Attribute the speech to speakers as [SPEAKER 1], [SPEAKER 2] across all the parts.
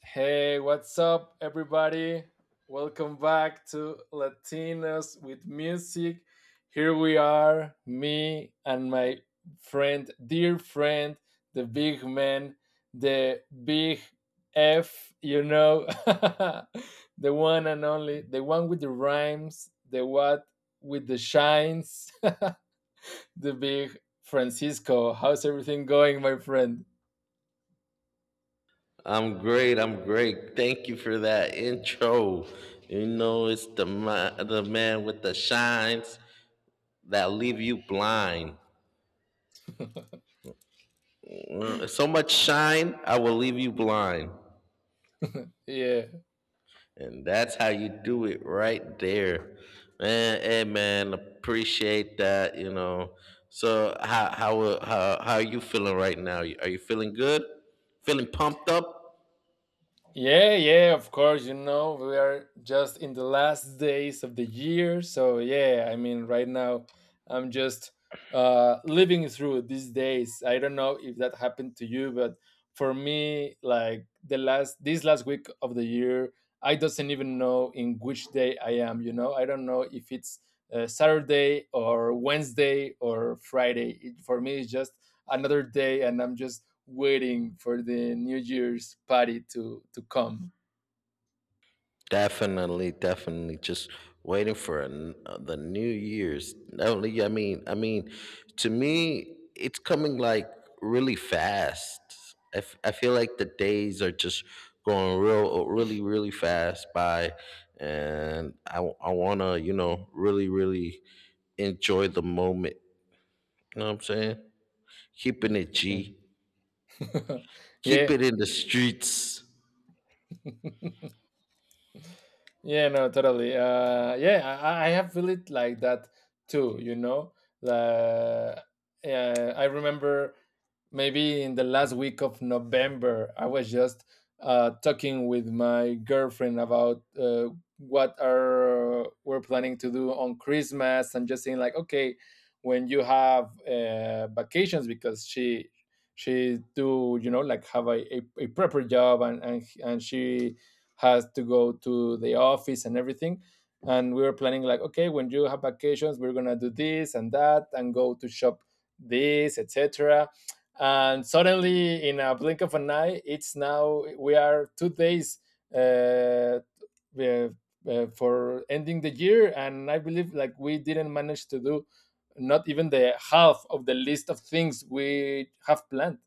[SPEAKER 1] Hey, what's up, everybody? Welcome back to Latinos with Music. Here we are, me and my friend, dear friend, the big man, the big F, the one and only, the one with the rhymes, the what with the shines, the big Francisco. How's everything going, my friend?
[SPEAKER 2] I'm great. I'm great. Thank you for that intro. You know, it's the man with the shines that leave you blind. Mm, so much shine, I will leave you blind,
[SPEAKER 1] Yeah.
[SPEAKER 2] and that's how you do it right there, man. Hey, man, appreciate that. So how are you feeling right now? Are you feeling good? Feeling pumped up?
[SPEAKER 1] Yeah, yeah, of course. You know, we are just in the last days of the year. So, yeah, I mean, right now I'm just living through these days. I don't know if that happened to you, but for me, like this last week of the year, I doesn't even know in which day I am. You know, I don't know if it's Saturday or Wednesday or Friday. For me, it's just another day, and I'm just waiting for the New Year's party to come.
[SPEAKER 2] Definitely, definitely. Just waiting for the New Year's. Definitely. I mean, to me, it's coming like really fast. I feel like the days are just going really, really fast by, and I wanna, you know, really, really enjoy the moment. You know what I'm saying? Keeping
[SPEAKER 1] Y-
[SPEAKER 2] it
[SPEAKER 1] Yeah.
[SPEAKER 2] G. Keep
[SPEAKER 1] Yeah.
[SPEAKER 2] it in the streets.
[SPEAKER 1] Yeah, no, totally. Yeah, I have feel it like that too. You know, uh, yeah, I remember maybe in the last week of November, I was just talking with my girlfriend about what are we're planning to do on Christmas, and just saying like, okay, when you have vacations, because she do like have a proper job, and and she has to go to the office and everything, and we were planning like, okay, when you have vacations, we're gonna do this and that and go to shop this, etc. And suddenly, in a blink of an eye, it's now we are 2 days uh, uh, for ending the year, and I believe like we didn't manage to do not even the half of the list of things we have planned.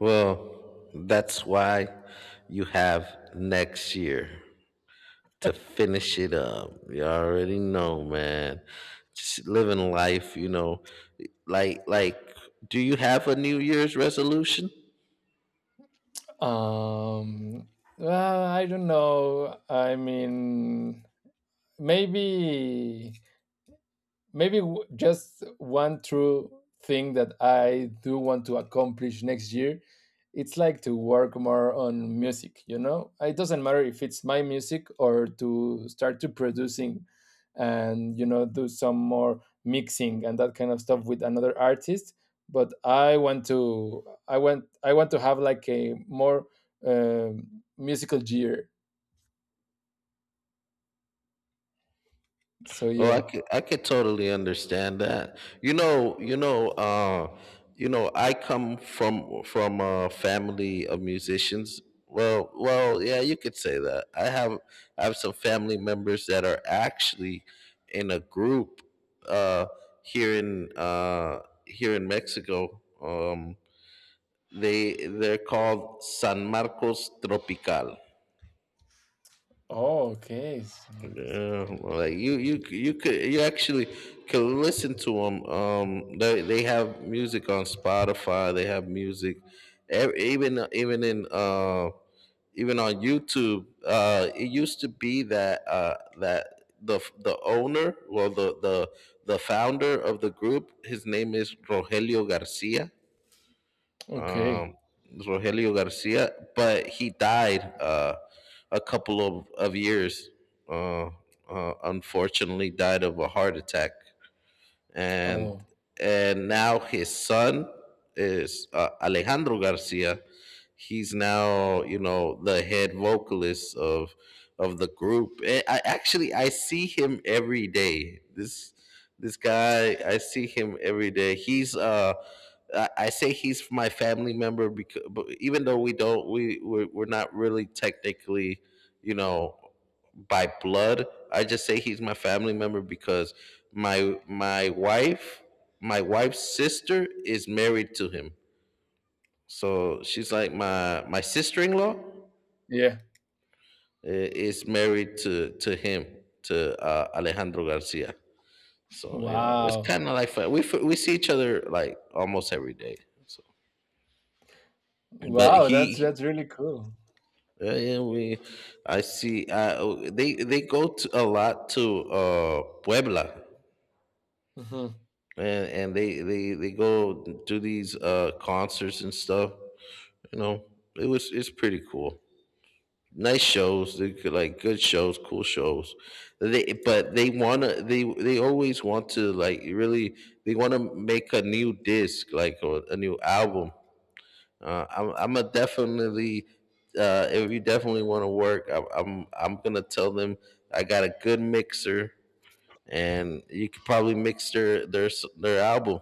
[SPEAKER 2] Well, that's why you have next year to finish it up. You already know, man. Just living life. Like, do you have a New Year's resolution?
[SPEAKER 1] Um, well, I don't know. I mean, maybe just one true thing that I do want to accomplish next year. It's like to work more on music, you know? It doesn't matter if it's my music or to start to producing and, you know, do some more mixing and that kind of stuff with another artist. But I want to have like a more musical year. So
[SPEAKER 2] Oh,
[SPEAKER 1] yeah.
[SPEAKER 2] I could totally understand that. I come from a family of musicians. Yeah, you could say that. I have some family members that are actually in a group uh, here in here in Mexico. They're called San Marcos Tropical.
[SPEAKER 1] Oh, okay. San Marcos
[SPEAKER 2] Yeah,
[SPEAKER 1] Tropical.
[SPEAKER 2] like you could, you actually can listen to them. They have music on Spotify. They have music, ev- even even in uh, even on YouTube. It used to be that the owner, well, the founder of the group, his name is Rogelio Garcia.
[SPEAKER 1] Okay.
[SPEAKER 2] um, Rogelio Garcia, but he died a couple of years. Uh, unfortunately, died of a heart attack, and
[SPEAKER 1] Oh,
[SPEAKER 2] and now his son is Alejandro Garcia. He's now, you know, the head vocalist of the group. I see him every day. This guy I see him every day. He's. I say he's my family member because, even though we're not really technically, you know, by blood. I just say he's my family member because my wife, my wife's sister is married to him. So she's like my sister-in-law,
[SPEAKER 1] yeah.
[SPEAKER 2] is married to him, to Alejandro Garcia. So, you know, it's
[SPEAKER 1] Wow.
[SPEAKER 2] kind of like we see each other like almost every day. So, but
[SPEAKER 1] Wow, that's
[SPEAKER 2] he.
[SPEAKER 1] that's really cool.
[SPEAKER 2] Yeah, we. I see. They go to a lot to Puebla,
[SPEAKER 1] Mhm.
[SPEAKER 2] and and they go do these concerts and stuff, you know. It's pretty cool. Nice shows. They could, like, good shows, cool shows. They always want to, like, really, they want to make a new disc, like, or a new album. I'm a definitely If you definitely want to work, I'm gonna tell them I got a good mixer and you could probably mix their album.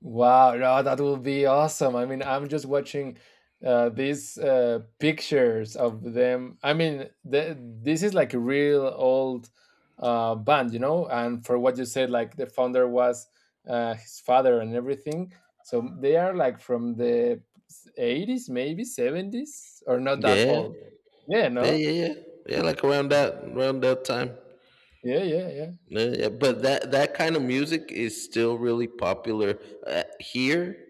[SPEAKER 1] Wow, no, that will be awesome. I mean, I'm just watching these pictures of them. I mean, this is like a real old band. And for what you said, like the founder was his father and everything. So they are like from the 80s, maybe 70s, or not that
[SPEAKER 2] yeah
[SPEAKER 1] old. Yeah,
[SPEAKER 2] Yeah,
[SPEAKER 1] no.
[SPEAKER 2] yeah, yeah, yeah. Like around that time.
[SPEAKER 1] Yeah, yeah, yeah.
[SPEAKER 2] Yeah, yeah. But
[SPEAKER 1] Mm.
[SPEAKER 2] that that kind of music is still really popular here,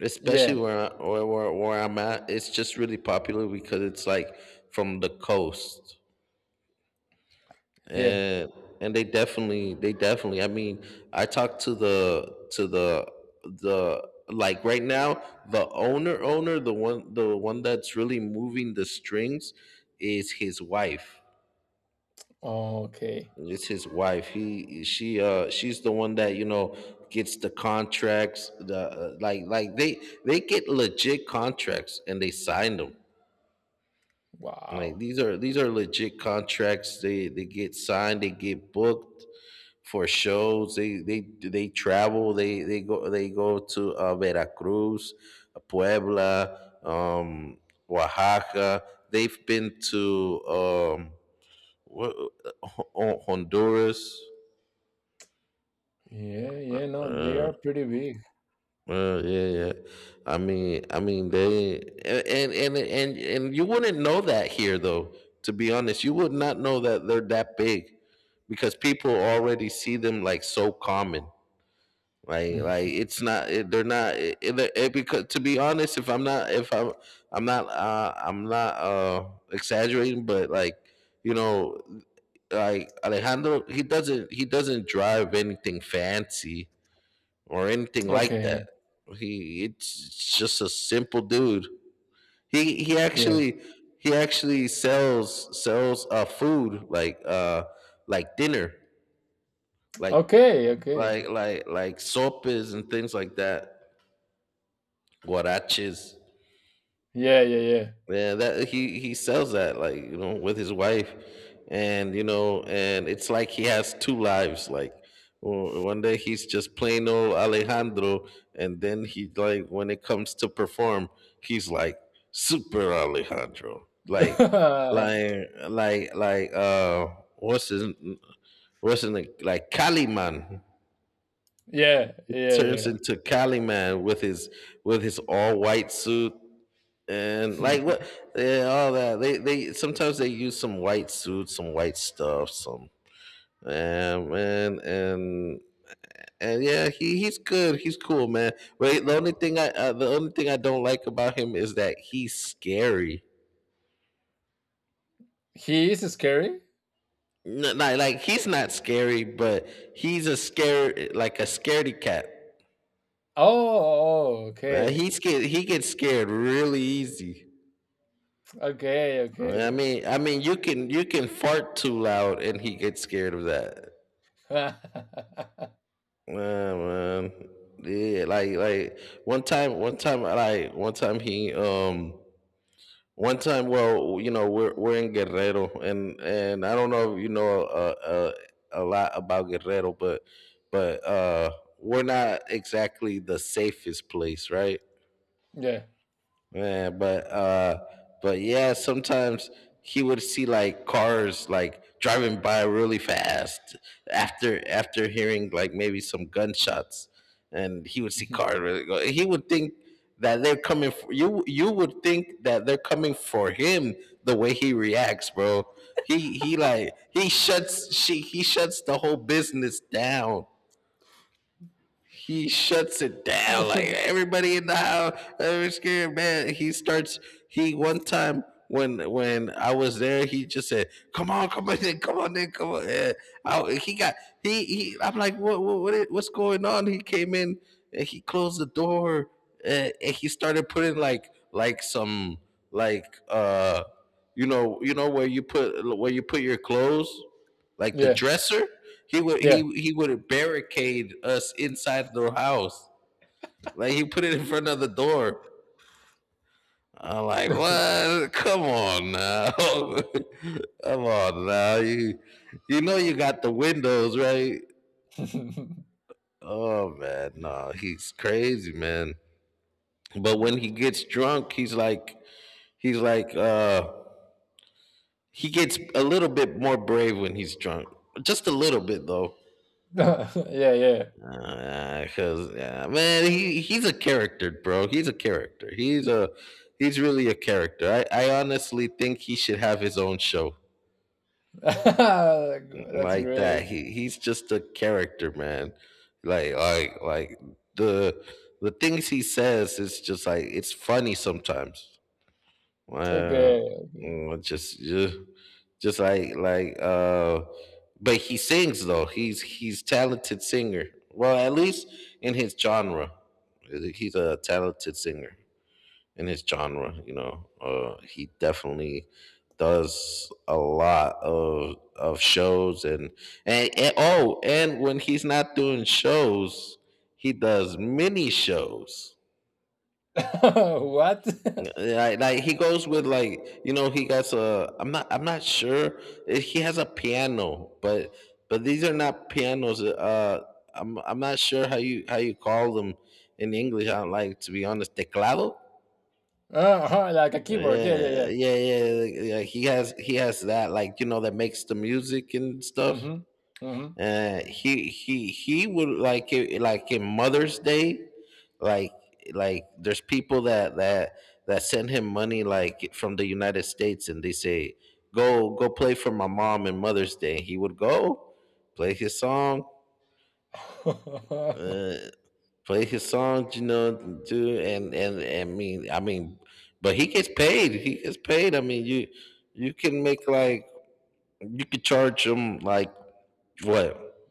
[SPEAKER 2] especially
[SPEAKER 1] Yeah,
[SPEAKER 2] where I'm at. It's just really popular because it's like from the coast,
[SPEAKER 1] yeah.
[SPEAKER 2] and and they definitely, they definitely. I mean, I talked to the like, right now, the owner owner, the one, that's really moving the strings is his wife.
[SPEAKER 1] Okay.
[SPEAKER 2] It's his wife. She, she's the one that, you know, gets the contracts. Like, they get legit contracts and they sign them. Like,
[SPEAKER 1] Wow.
[SPEAKER 2] these are legit contracts. They get signed. They get booked for shows. They travel. They go to Veracruz, Puebla, Oaxaca. They've been to what, Honduras.
[SPEAKER 1] Yeah, yeah, no, they
[SPEAKER 2] uh,
[SPEAKER 1] are pretty big.
[SPEAKER 2] Well, yeah, yeah. They and you wouldn't know that here, though. To be honest, you would not know that they're that big because people already see them like so common.
[SPEAKER 1] Mm.
[SPEAKER 2] Like it's not. It, they're not. It- because to be honest, if I'm, I'm not, exaggerating, but like, you know, like Alejandro, he doesn't drive anything fancy or anything like that.
[SPEAKER 1] Okay.
[SPEAKER 2] He it's just a simple dude. He he
[SPEAKER 1] Yeah.
[SPEAKER 2] actually he actually sells food, like, dinner, like,
[SPEAKER 1] Okay, okay.
[SPEAKER 2] like sopes and things like that. Guaraches.
[SPEAKER 1] Yeah, yeah,
[SPEAKER 2] Yeah, that he sells that, like, you know, with his wife, and you know, and it's like he has two lives. Like, one day he's just plain old Alejandro, and then he, like, when it comes to perform, he's like super Alejandro.
[SPEAKER 1] yeah.
[SPEAKER 2] Like like like uh what's his, what's in the like Caliman,
[SPEAKER 1] Yeah,
[SPEAKER 2] turns
[SPEAKER 1] yeah,
[SPEAKER 2] into Caliman with his, with his all white suit, and
[SPEAKER 1] yeah.
[SPEAKER 2] like what, yeah, all that. They Sometimes they use some white suits, some white stuff, some, um, and and and yeah, he's good, he's cool, man. But the only thing, I the only thing I don't like about him is that he's scary.
[SPEAKER 1] He is scary?
[SPEAKER 2] Like, he's not scary, but he's a scare, like a scaredy cat,
[SPEAKER 1] Oh, oh,
[SPEAKER 2] man.
[SPEAKER 1] okay.
[SPEAKER 2] He gets scared really easy.
[SPEAKER 1] Okay,
[SPEAKER 2] i
[SPEAKER 1] okay.
[SPEAKER 2] mean i mean you can, you can fart too loud and he gets scared of that. Man, man. Yeah, like one time he, one time. Well, you know, we're in Guerrero, and I don't know if you know a lot about Guerrero, but but uh we're not exactly the safest place, right?
[SPEAKER 1] Yeah.
[SPEAKER 2] Man, but yeah, sometimes he would see, like, cars, like, driving by really fast after after hearing, like, maybe some gunshots, and he would see cars really go, he would think that they're coming for you, you would think that they're coming for him, the way he reacts, bro. He shuts, she he shuts the whole business down, he shuts it down. Like, everybody in the house, every scared man. He starts. He one time, when I was there, he just said, "Come on, come on, then come on, then come on." in." I, he got he he. I'm like, what's going on? He came in and he closed the door, and he started putting, like some, like, uh, you know where you put, your clothes, like
[SPEAKER 1] Yeah,
[SPEAKER 2] the
[SPEAKER 1] yeah.
[SPEAKER 2] dresser. He would barricade us inside the house. Like, he put it in front of the door. I'm like, what? Come on now. Come on now. You know you got the windows, right? Oh man, no, he's crazy, man. But when he gets drunk, he's like, he's like uh he gets a little bit more brave when he's drunk. Just a little bit, though.
[SPEAKER 1] Yeah, yeah.
[SPEAKER 2] Cause yeah, man, he's a character, bro. He's a character. He's really a character. I honestly think he should have his own show
[SPEAKER 1] That's
[SPEAKER 2] like that.
[SPEAKER 1] great.
[SPEAKER 2] He's just a character, man. Like like like the the things he says is just like it's funny sometimes. Uh,
[SPEAKER 1] Okay, okay.
[SPEAKER 2] just yeah. Just like but he sings, though. He's talented singer. Well, at least in his genre. He's a talented singer in his genre, you know. He definitely does a lot of shows, and oh, and when he's not doing shows, he does mini shows,
[SPEAKER 1] What?
[SPEAKER 2] like, he goes with, like, you know, he got a I'm not sure. He has a piano, but these are not pianos, I'm not sure how you, call them in English. I Like, to be honest, teclado.
[SPEAKER 1] Uh-huh, like a keyboard. Yeah, yeah, yeah.
[SPEAKER 2] Yeah, he has that, like, you know, that makes the music and stuff.
[SPEAKER 1] Mhm. Mhm.
[SPEAKER 2] He would, like, it, like, in Mother's Day, like like there's people that that that send him money, like, from the United States, and they say go, go play for my mom in Mother's Day. He would go play his song, uh, you know, do and mean I mean, but he gets paid. He gets paid. I mean, you can make like, you could charge him like, what,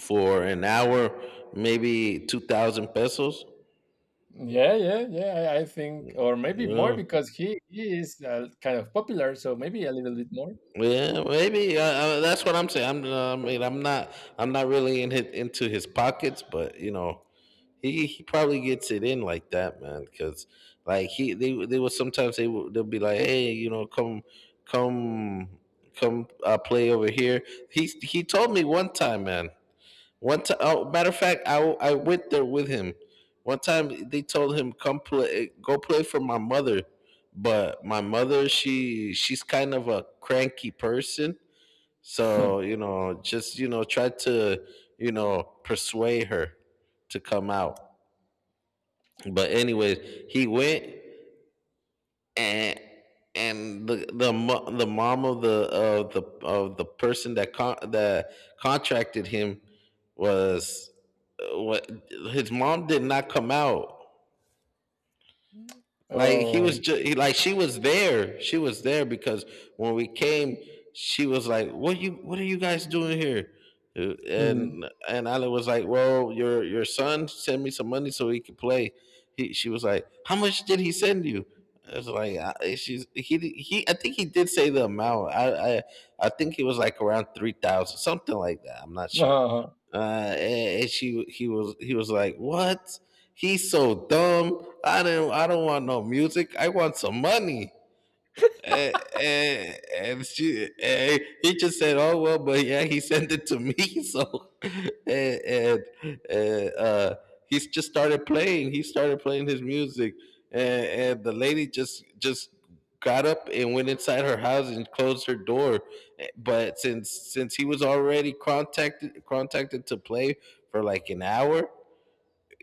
[SPEAKER 2] for an hour, maybe 2,000 pesos.
[SPEAKER 1] Yeah, yeah, yeah, I think, or maybe more,
[SPEAKER 2] Yeah,
[SPEAKER 1] because he is, kind of popular, so maybe a little bit more.
[SPEAKER 2] yeah, maybe that's what I'm saying. I mean, I'm not really in his, into his pockets, but you know, he probably gets it in like that, man. Because like they will, sometimes they will, they'll be like, hey, you know, come, come, come, play over here. He told me one time, man. One time, oh, matter of fact, I went there with him. One time they told him come play, go play for my mother, but my mother she's kind of a cranky person, so just try to persuade her to come out. But anyways, he went, and the mom of the of the person that contracted him was, what, his mom did not come out. Like he was
[SPEAKER 1] Oh.
[SPEAKER 2] just he, like she was there. She was there because when we came, she was like, "What you? What are you guys doing here?" Uh,
[SPEAKER 1] Mhm.
[SPEAKER 2] And and Alan was like, "Well, your son sent me some money so he could play." He she was like, "How much did he send you?" I was like, "She's he di- he I think he did say the amount. I think he was like around 3,000, something like that. I'm not sure."
[SPEAKER 1] Uh-huh.
[SPEAKER 2] And she he was like, "What? He's so dumb. I didn't I don't want no music. I want some money." He just said, "Oh well," but yeah, he sent it to me. So, and uh, uh, he just started playing. He started playing his music, and the lady just got up and went inside her house and closed her door. But since he was already contacted contacted to play for like an hour,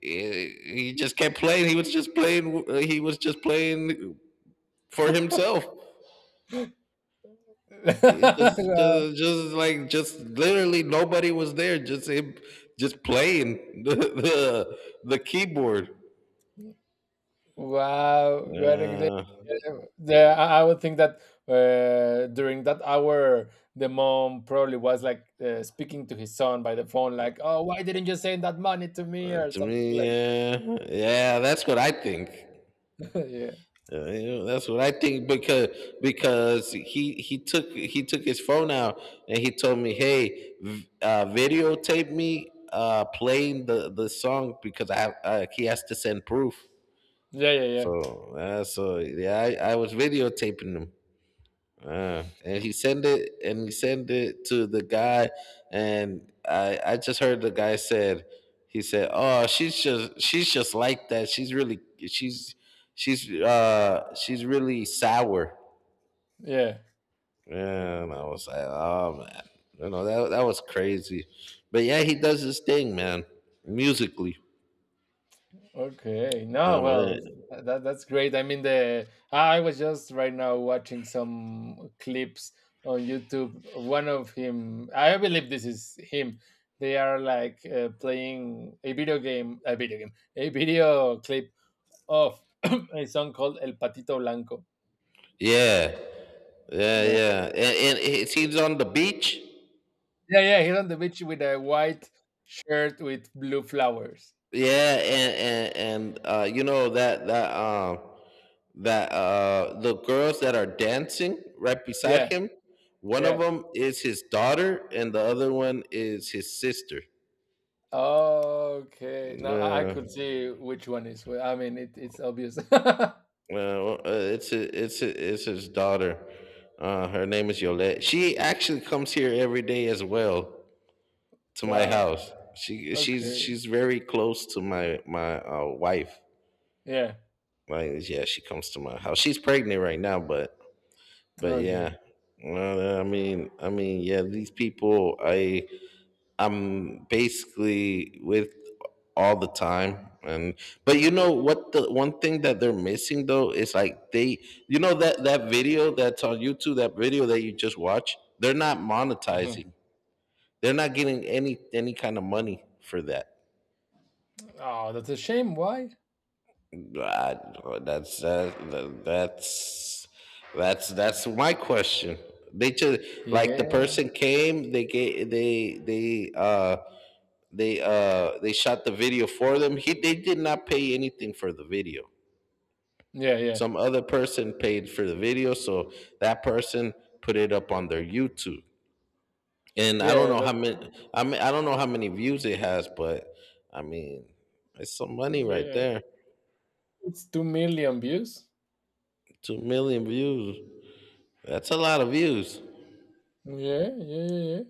[SPEAKER 2] he just kept playing. He was just playing. He was just playing for himself. It just like just literally nobody was there. Just him just playing the keyboard.
[SPEAKER 1] Wow. Wow, what a great.
[SPEAKER 2] Uh,
[SPEAKER 1] Yeah, I would think that during that hour, the mom probably was like speaking to his son by the phone, like, "Oh, why didn't you send that money to me?"
[SPEAKER 2] uh,
[SPEAKER 1] or
[SPEAKER 2] to
[SPEAKER 1] something
[SPEAKER 2] me,
[SPEAKER 1] like
[SPEAKER 2] yeah, yeah, that's what I think.
[SPEAKER 1] that. Yeah.
[SPEAKER 2] That's what I think because he took his phone out, and he told me, "Hey, videotape me playing the song because I have he has to send proof."
[SPEAKER 1] Yeah, yeah, yeah.
[SPEAKER 2] So yeah, I was videotaping him. And he send it to the guy, and I just heard the guy said, he said, "Oh, she's just like that. She's really she's sour."
[SPEAKER 1] Yeah.
[SPEAKER 2] And I was like, "Oh man. You know, that was crazy." But yeah, he does his thing, man. Musically.
[SPEAKER 1] Okay. No,
[SPEAKER 2] Um
[SPEAKER 1] well,
[SPEAKER 2] uh,
[SPEAKER 1] that's great. I mean, the I was just right now watching some clips on YouTube. One of him, I believe this is him. They are like playing a video clip of a song called El Patito Blanco.
[SPEAKER 2] yeah. Yeah,
[SPEAKER 1] Yeah,
[SPEAKER 2] yeah. And he's on the beach.
[SPEAKER 1] yeah, yeah. He's on the beach with a white shirt with blue flowers.
[SPEAKER 2] Yeah, and you know that the girls that are dancing right beside
[SPEAKER 1] Yeah,
[SPEAKER 2] him, one of
[SPEAKER 1] yeah.
[SPEAKER 2] them is his daughter, and the other one is his sister.
[SPEAKER 1] Okay. Now I
[SPEAKER 2] No,
[SPEAKER 1] could see which one is where. I mean, it's obvious.
[SPEAKER 2] no, it's his daughter. Her name is Yolette. She actually comes here every day as well to my
[SPEAKER 1] Wow.
[SPEAKER 2] house. She she's
[SPEAKER 1] Okay.
[SPEAKER 2] she's very close to my wife.
[SPEAKER 1] Yeah.
[SPEAKER 2] Like yeah, she comes to my house. She's pregnant right now, but
[SPEAKER 1] Okay.
[SPEAKER 2] yeah. I mean, yeah, these people I'm basically with all the time, and but you know what, the one thing that they're missing though is like, they, you know, that video that's on YouTube, that video that you just watched, they're not
[SPEAKER 1] Hmm.
[SPEAKER 2] monetizing. They're not getting any kind of money for that.
[SPEAKER 1] Oh, that's a shame. Why?
[SPEAKER 2] I- that's that, that's that's that's my question. They just, like, the
[SPEAKER 1] Yeah.
[SPEAKER 2] person came, they gave they shot the video for them. He they did not pay anything for the video.
[SPEAKER 1] Yeah. Yeah.
[SPEAKER 2] Some other person paid for the video, so that person put it up on their YouTube. And
[SPEAKER 1] Yeah. That
[SPEAKER 2] I don't know how many views it has, but I mean, it's some money right
[SPEAKER 1] yeah.
[SPEAKER 2] there.
[SPEAKER 1] It's 2 million views.
[SPEAKER 2] 2 million views. That's a lot of views.
[SPEAKER 1] Yeah. Yeah. Yeah. Yeah.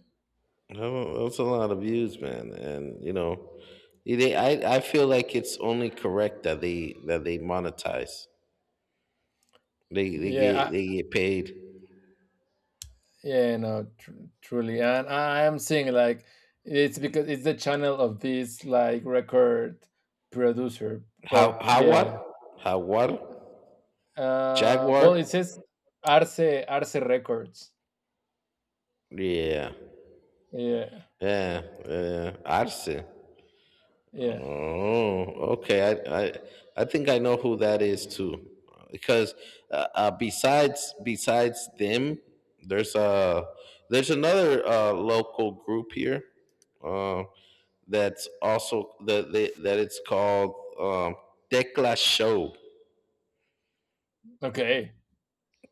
[SPEAKER 2] Oh, that's a lot of views, man. And I feel like it's only correct that they monetize. They they
[SPEAKER 1] Yeah.
[SPEAKER 2] get
[SPEAKER 1] I,
[SPEAKER 2] they get paid.
[SPEAKER 1] yeah. No. Truly, and I am seeing like it's because it's the channel of this like record producer. But
[SPEAKER 2] Howard?
[SPEAKER 1] yeah.
[SPEAKER 2] Howard?
[SPEAKER 1] Well,
[SPEAKER 2] Jaguar?
[SPEAKER 1] it says Arce Arce Records.
[SPEAKER 2] Yeah.
[SPEAKER 1] Yeah,
[SPEAKER 2] Yeah. Yeah. Arce.
[SPEAKER 1] yeah.
[SPEAKER 2] Oh, okay. I think I know who that is too. Because besides them, there's a there's another local group here, uh, that's also, that it's called, Tecla Show.
[SPEAKER 1] Okay.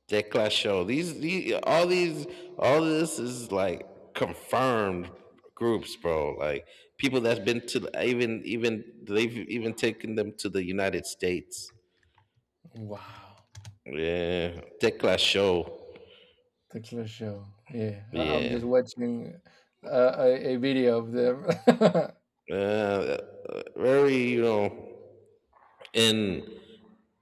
[SPEAKER 2] Declash show. All this is like confirmed groups, bro. Like people that's been to the- even, even they've even taken them to the United States.
[SPEAKER 1] Wow.
[SPEAKER 2] Yeah, Declash show.
[SPEAKER 1] Texas show. Yeah, I'm
[SPEAKER 2] Yeah,
[SPEAKER 1] just watching a video of them.
[SPEAKER 2] uh, very, and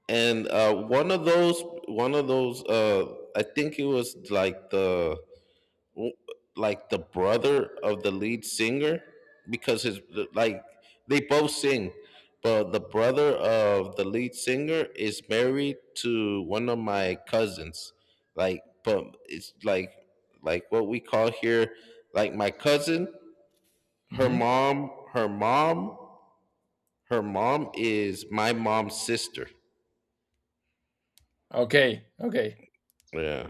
[SPEAKER 2] one of those, I think it was like the, brother of the lead singer, because his like, they both sing, but the brother of the lead singer is married to one of my cousins, like, but it's like, what we call here, like, my cousin, her
[SPEAKER 1] Hmm.
[SPEAKER 2] mom her mom her mom is my mom's sister.
[SPEAKER 1] Okay. Okay.
[SPEAKER 2] Yeah,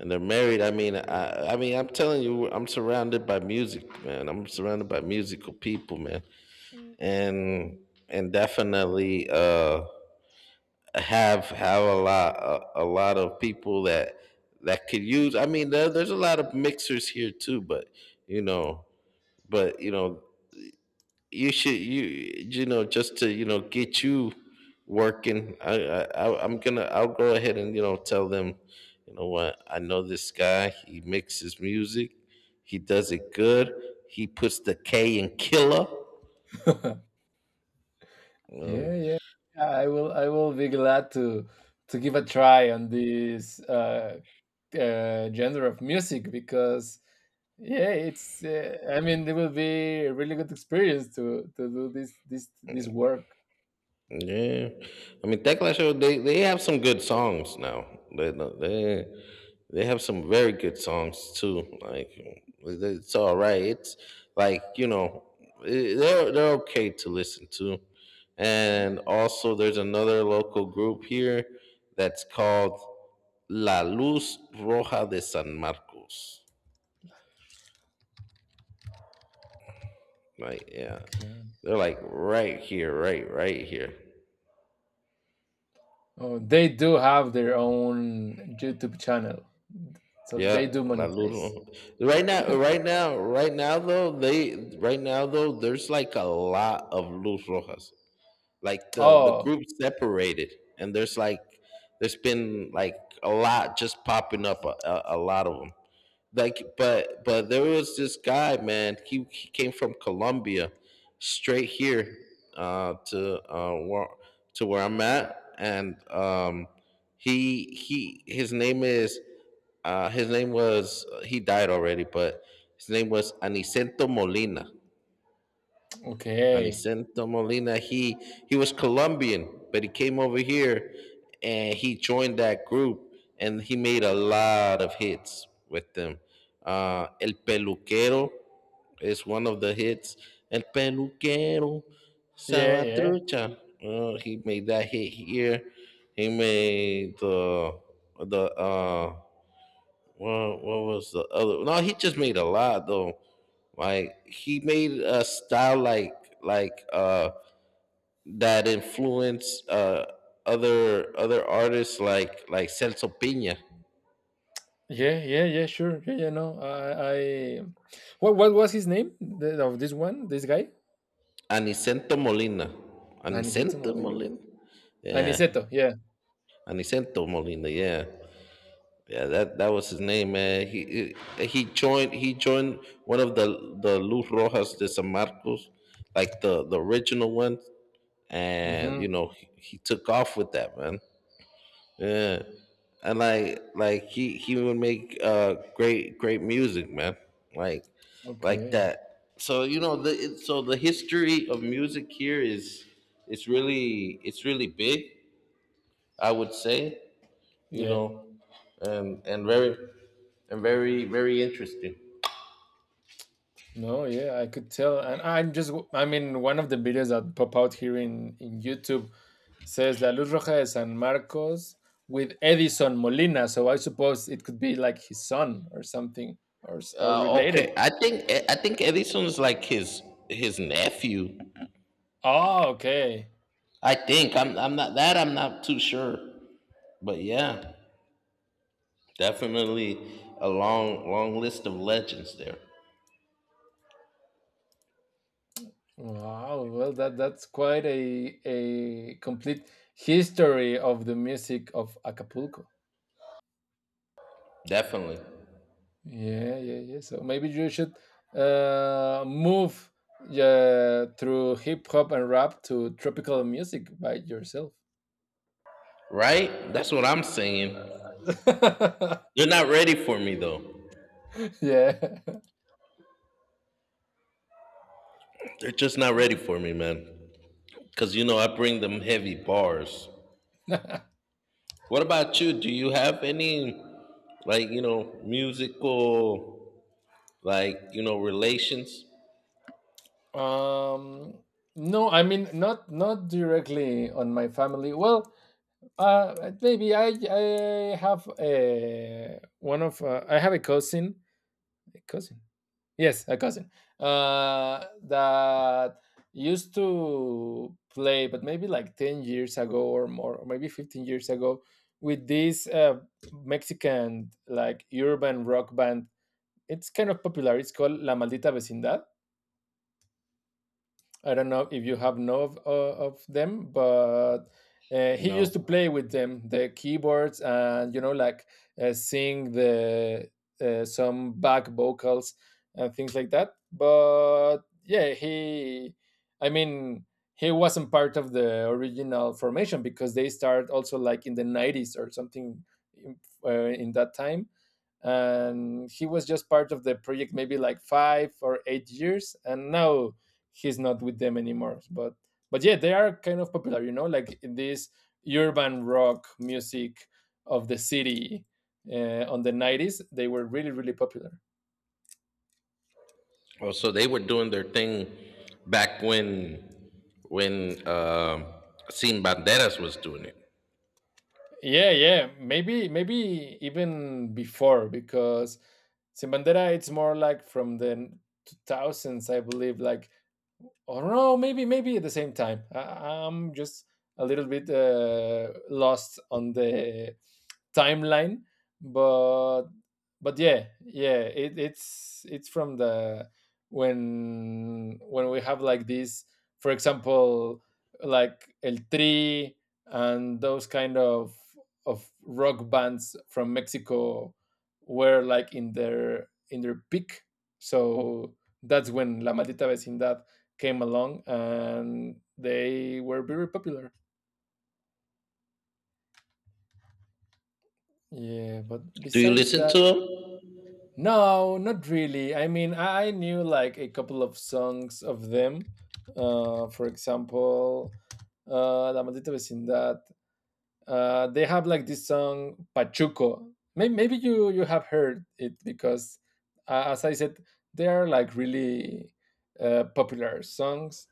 [SPEAKER 2] and they're married. I mean, I'm telling you, I'm surrounded by music, man. I'm surrounded by musical people, man. and and definitely, have a lot of people that could use, I mean, there's a lot of mixers here too, but, you know but, you should, you know, just to, get you working. I'll go ahead and, tell them, you know what, I know this guy. He mixes music. He does it good. He puts the K in killer
[SPEAKER 1] Yeah,
[SPEAKER 2] um.
[SPEAKER 1] yeah. I will. I will be glad to give a try on this genre of music, because yeah, it's I mean, it will be a really good experience to do this work.
[SPEAKER 2] Yeah, I mean, Tecla Show. They have some good songs now. They they they have some very good songs too. Like, it's all right. It's like, they're okay to listen to. And also, there's another local group here that's called La Luz Roja de San Marcos. Like, yeah,
[SPEAKER 1] Okay.
[SPEAKER 2] they're like right here, right here.
[SPEAKER 1] Oh, they do have their own YouTube channel, so
[SPEAKER 2] Yeah,
[SPEAKER 1] they do
[SPEAKER 2] La
[SPEAKER 1] monetize.
[SPEAKER 2] Luz. Right now though, there's like a lot of Luz Rojas. Like, the
[SPEAKER 1] Oh,
[SPEAKER 2] group separated, and there's been like a lot just popping up, a lot of them, like, but there was this guy, man. He came from Colombia straight here, uh to uh where, to where I'm at, and, he, his name is, his name was he died already, but his name was Anicento Molina.
[SPEAKER 1] okay.
[SPEAKER 2] Aniceto Molina, he was Colombian, but he came over here, and he joined that group, and he made a lot of hits with them. El Peluquero is one of the hits. El Peluquero,
[SPEAKER 1] Yeah, yeah,
[SPEAKER 2] Sabatrucha. He made that hit here. He made the well, what was the other? No, he just made a lot though. Like, he made a style like, like uh that influenced, other artists like, Celso Piña.
[SPEAKER 1] yeah, yeah, yeah, sure, yeah, yeah, no, I, what was his name, of this one, this guy?
[SPEAKER 2] Anicento Molina,
[SPEAKER 1] Aniceto
[SPEAKER 2] Anicento
[SPEAKER 1] Molina.
[SPEAKER 2] Molina, yeah,
[SPEAKER 1] Aniceto, yeah.
[SPEAKER 2] Anicento Molina, yeah. Yeah, that was his name, man. He joined one of the Luz Rojas de San Marcos, like the original one, and,
[SPEAKER 1] Mm-hmm.
[SPEAKER 2] he took off with that, man. Yeah, and like, he would make, great music, man. Like like
[SPEAKER 1] Okay,
[SPEAKER 2] that. So, the history of music here is it's really big. I would say, you
[SPEAKER 1] yeah.
[SPEAKER 2] know, and and very and very, very interesting.
[SPEAKER 1] No, yeah, I could tell. And I'm just, I mean, one of the videos that pop out here in YouTube says La Luz Roja de San Marcos with Edison Molina. So I suppose it could be like his son or something, or related.
[SPEAKER 2] Okay, I think Edison's like his, nephew.
[SPEAKER 1] Oh, okay.
[SPEAKER 2] I think I'm not too sure, but yeah, definitely a long, long list of legends there.
[SPEAKER 1] Wow. Well, that's quite a complete history of the music of Acapulco.
[SPEAKER 2] Definitely,
[SPEAKER 1] Yeah, yeah, yeah. So maybe you should move, yeah, through hip hop and rap to tropical music by yourself.
[SPEAKER 2] right? That's what I'm saying. They're not ready for me though.
[SPEAKER 1] Yeah.
[SPEAKER 2] They're just not ready for me, man. Cause, I bring them heavy bars. What about you? Do you have any, like, musical, like, relations?
[SPEAKER 1] um. No, I mean, not directly on my family. Well, maybe I have a cousin, a cousin. Yes, a cousin that used to play, but maybe like 10 years ago or more, or maybe 15 years ago, with this Mexican like urban rock band. It's kind of popular. It's called La Maldita Vecindad. I don't know if you have know of them, but he used
[SPEAKER 2] No.
[SPEAKER 1] to play with them, the keyboards, and, like sing the some back vocals and things like that. But yeah, I mean, he wasn't part of the original formation, because they started also like in the 90s or something, in, in that time. And he was just part of the project maybe like 5 or 8 years, and now he's not with them anymore. But yeah, they are kind of popular, like in this urban rock music of the city on the 90s. They were really really popular.
[SPEAKER 2] Oh, so they were doing their thing back when Sin Banderas was doing it.
[SPEAKER 1] Yeah, yeah, maybe maybe even before, because Sin Bandera it's more like from the 2000s, I believe. Like, oh no, maybe at the same time. I'm just a little bit lost on the timeline, but but yeah, yeah, it's from the, when we have like this, for example, like El Tri and those kind of rock bands from Mexico, were like in their peak. So that's when La Maldita Vecindad came along and they were very popular, yeah. But
[SPEAKER 2] Do you
[SPEAKER 1] besides
[SPEAKER 2] listen
[SPEAKER 1] that,
[SPEAKER 2] to him?
[SPEAKER 1] no, not really. I mean, I knew like a couple of songs of them. For example, La Maldita Vecindad. They have like this song Pachuco. Maybe, you have heard it, because, as I said, they are like really popular songs.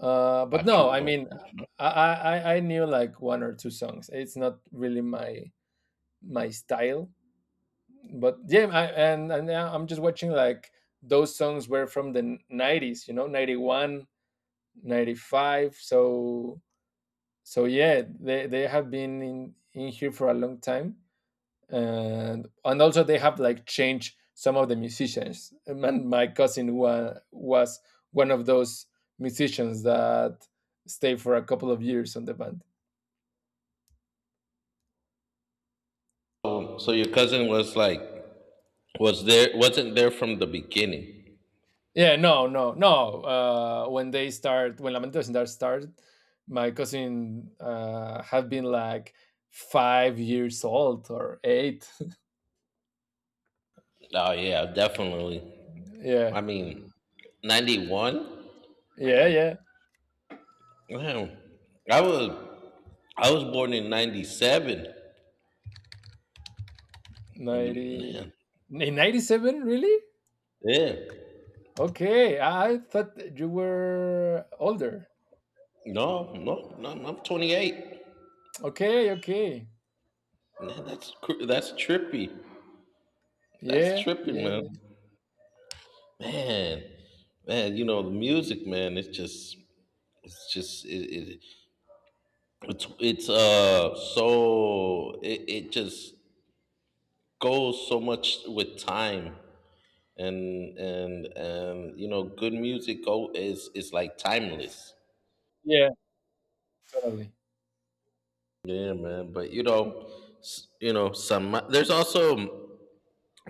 [SPEAKER 1] But no, I
[SPEAKER 2] Pachuco.
[SPEAKER 1] mean, I knew like one or two songs. It's not really my style, but yeah, and now I'm just watching like those songs were from the 90s, 91 95. So, yeah, they have been in here for a long time. And also they have like changed some of the musicians, and my cousin was one of those musicians that stayed for a couple of years on the band.
[SPEAKER 2] So your cousin was like, wasn't there from the beginning?
[SPEAKER 1] Yeah, no, no, no. When Lamentos and Dark started, my cousin had been like 5 years old or eight.
[SPEAKER 2] Oh yeah, definitely.
[SPEAKER 1] Yeah,
[SPEAKER 2] I mean, 91,
[SPEAKER 1] yeah,
[SPEAKER 2] man
[SPEAKER 1] yeah.
[SPEAKER 2] man I was I was born in 97,
[SPEAKER 1] Ninety
[SPEAKER 2] man.
[SPEAKER 1] in 97, really?
[SPEAKER 2] Yeah.
[SPEAKER 1] Okay, I thought that you were older.
[SPEAKER 2] No, no, no, no, I'm 28.
[SPEAKER 1] Okay, okay.
[SPEAKER 2] Man, that's trippy. That's
[SPEAKER 1] Yeah,
[SPEAKER 2] tripping,
[SPEAKER 1] yeah,
[SPEAKER 2] man.
[SPEAKER 1] yeah,
[SPEAKER 2] Man, man, you know the music, man. It's just, it, it it just goes so much with time, and, good music go is like timeless.
[SPEAKER 1] yeah. Totally.
[SPEAKER 2] Yeah, man. But, you know, s- you know, some there's also,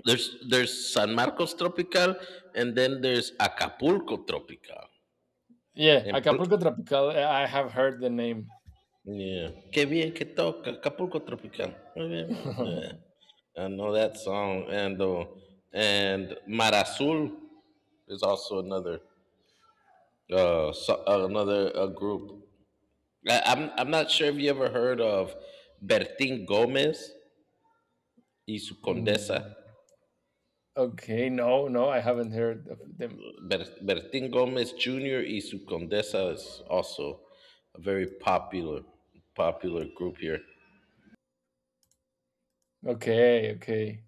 [SPEAKER 2] There's San Marcos Tropical, and then there's Acapulco Tropical.
[SPEAKER 1] Yeah,
[SPEAKER 2] And
[SPEAKER 1] Acapulco
[SPEAKER 2] pl-
[SPEAKER 1] Tropical. I have heard the name.
[SPEAKER 2] yeah, qué bien que toca Acapulco Tropical. Muy bien. Yeah. I know that song, and Mar Azul is also another, another, group. I'm not sure if you ever heard of Bertin Gomez y su Condesa.
[SPEAKER 1] Mm, Okay, no, no, I haven't heard of them.
[SPEAKER 2] Bertin Gomez Jr. y su Condesa is also a very popular group here.
[SPEAKER 1] Okay, okay.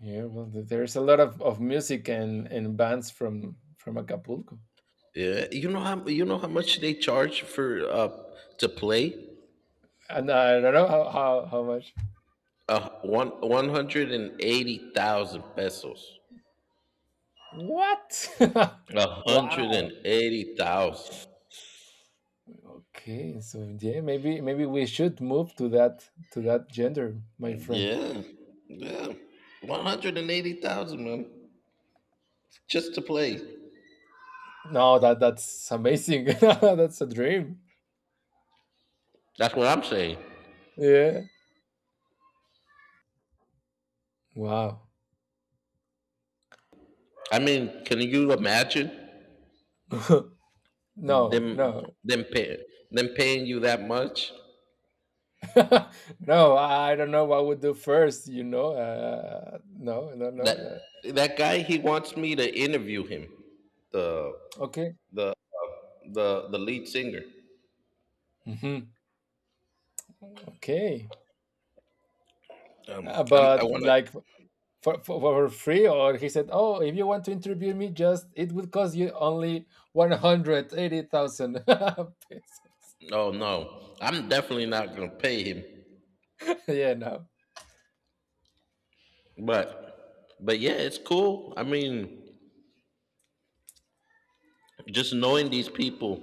[SPEAKER 1] Yeah, well, there's a lot of music and bands from Acapulco.
[SPEAKER 2] Yeah, you know how, how much they charge for, to play?
[SPEAKER 1] And I don't know how much.
[SPEAKER 2] One hundred and eighty thousand pesos.
[SPEAKER 1] What?
[SPEAKER 2] A hundred
[SPEAKER 1] Wow.
[SPEAKER 2] and eighty thousand.
[SPEAKER 1] Okay, so yeah, maybe we should move to that gender, my friend.
[SPEAKER 2] Yeah, yeah, 180,000, man, just to play.
[SPEAKER 1] No, that's amazing. That's a dream.
[SPEAKER 2] That's what I'm saying.
[SPEAKER 1] Yeah. Wow.
[SPEAKER 2] I mean, can you imagine? them
[SPEAKER 1] No, no.
[SPEAKER 2] them pay them paying you that much?
[SPEAKER 1] No, I don't know what I would do first. No, no, no.
[SPEAKER 2] That,
[SPEAKER 1] Uh,
[SPEAKER 2] that guy, he wants me to interview him, the
[SPEAKER 1] okay.
[SPEAKER 2] the, the lead singer.
[SPEAKER 1] Mhm. Okay. Uh,
[SPEAKER 2] I
[SPEAKER 1] but
[SPEAKER 2] want
[SPEAKER 1] like, for, free? Or he said, "Oh, if you want to interview me, just, it would cost you only 180,000 pesos."
[SPEAKER 2] to, oh no, I'm definitely not gonna pay him.
[SPEAKER 1] Yeah, no,
[SPEAKER 2] But yeah, it's cool. I mean, just knowing these people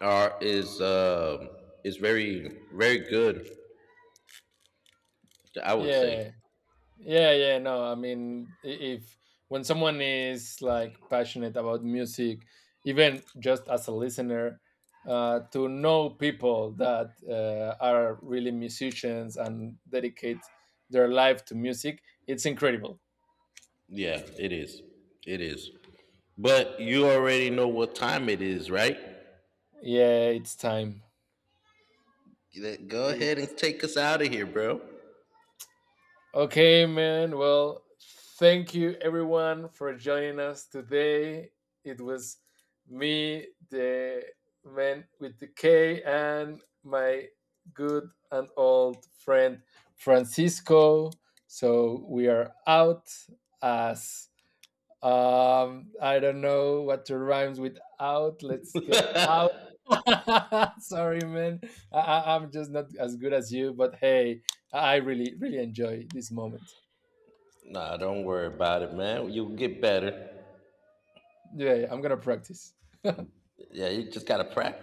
[SPEAKER 2] are is, is very, very good, I would say.
[SPEAKER 1] yeah, yeah, yeah, no. I mean, if when someone is like passionate about music, even just as a listener, to know people that are really musicians and dedicate their life to music, it's incredible.
[SPEAKER 2] Yeah, it is. It is. But you already know what time it is, right?
[SPEAKER 1] Yeah, it's time.
[SPEAKER 2] Go ahead
[SPEAKER 1] It's
[SPEAKER 2] and take us out of here, bro.
[SPEAKER 1] okay, man. Well, thank you everyone for joining us today. It was me, the man with the K, and my good and old friend Francisco. So we are out as I don't know what to rhymes with out. Let's get out. Sorry, man. I'm just not as good as you, but hey, I really, really enjoy this moment.
[SPEAKER 2] Nah, don't worry about it, man. You'll get better.
[SPEAKER 1] Yeah, yeah, I'm gonna practice.
[SPEAKER 2] Yeah, you just gotta practice.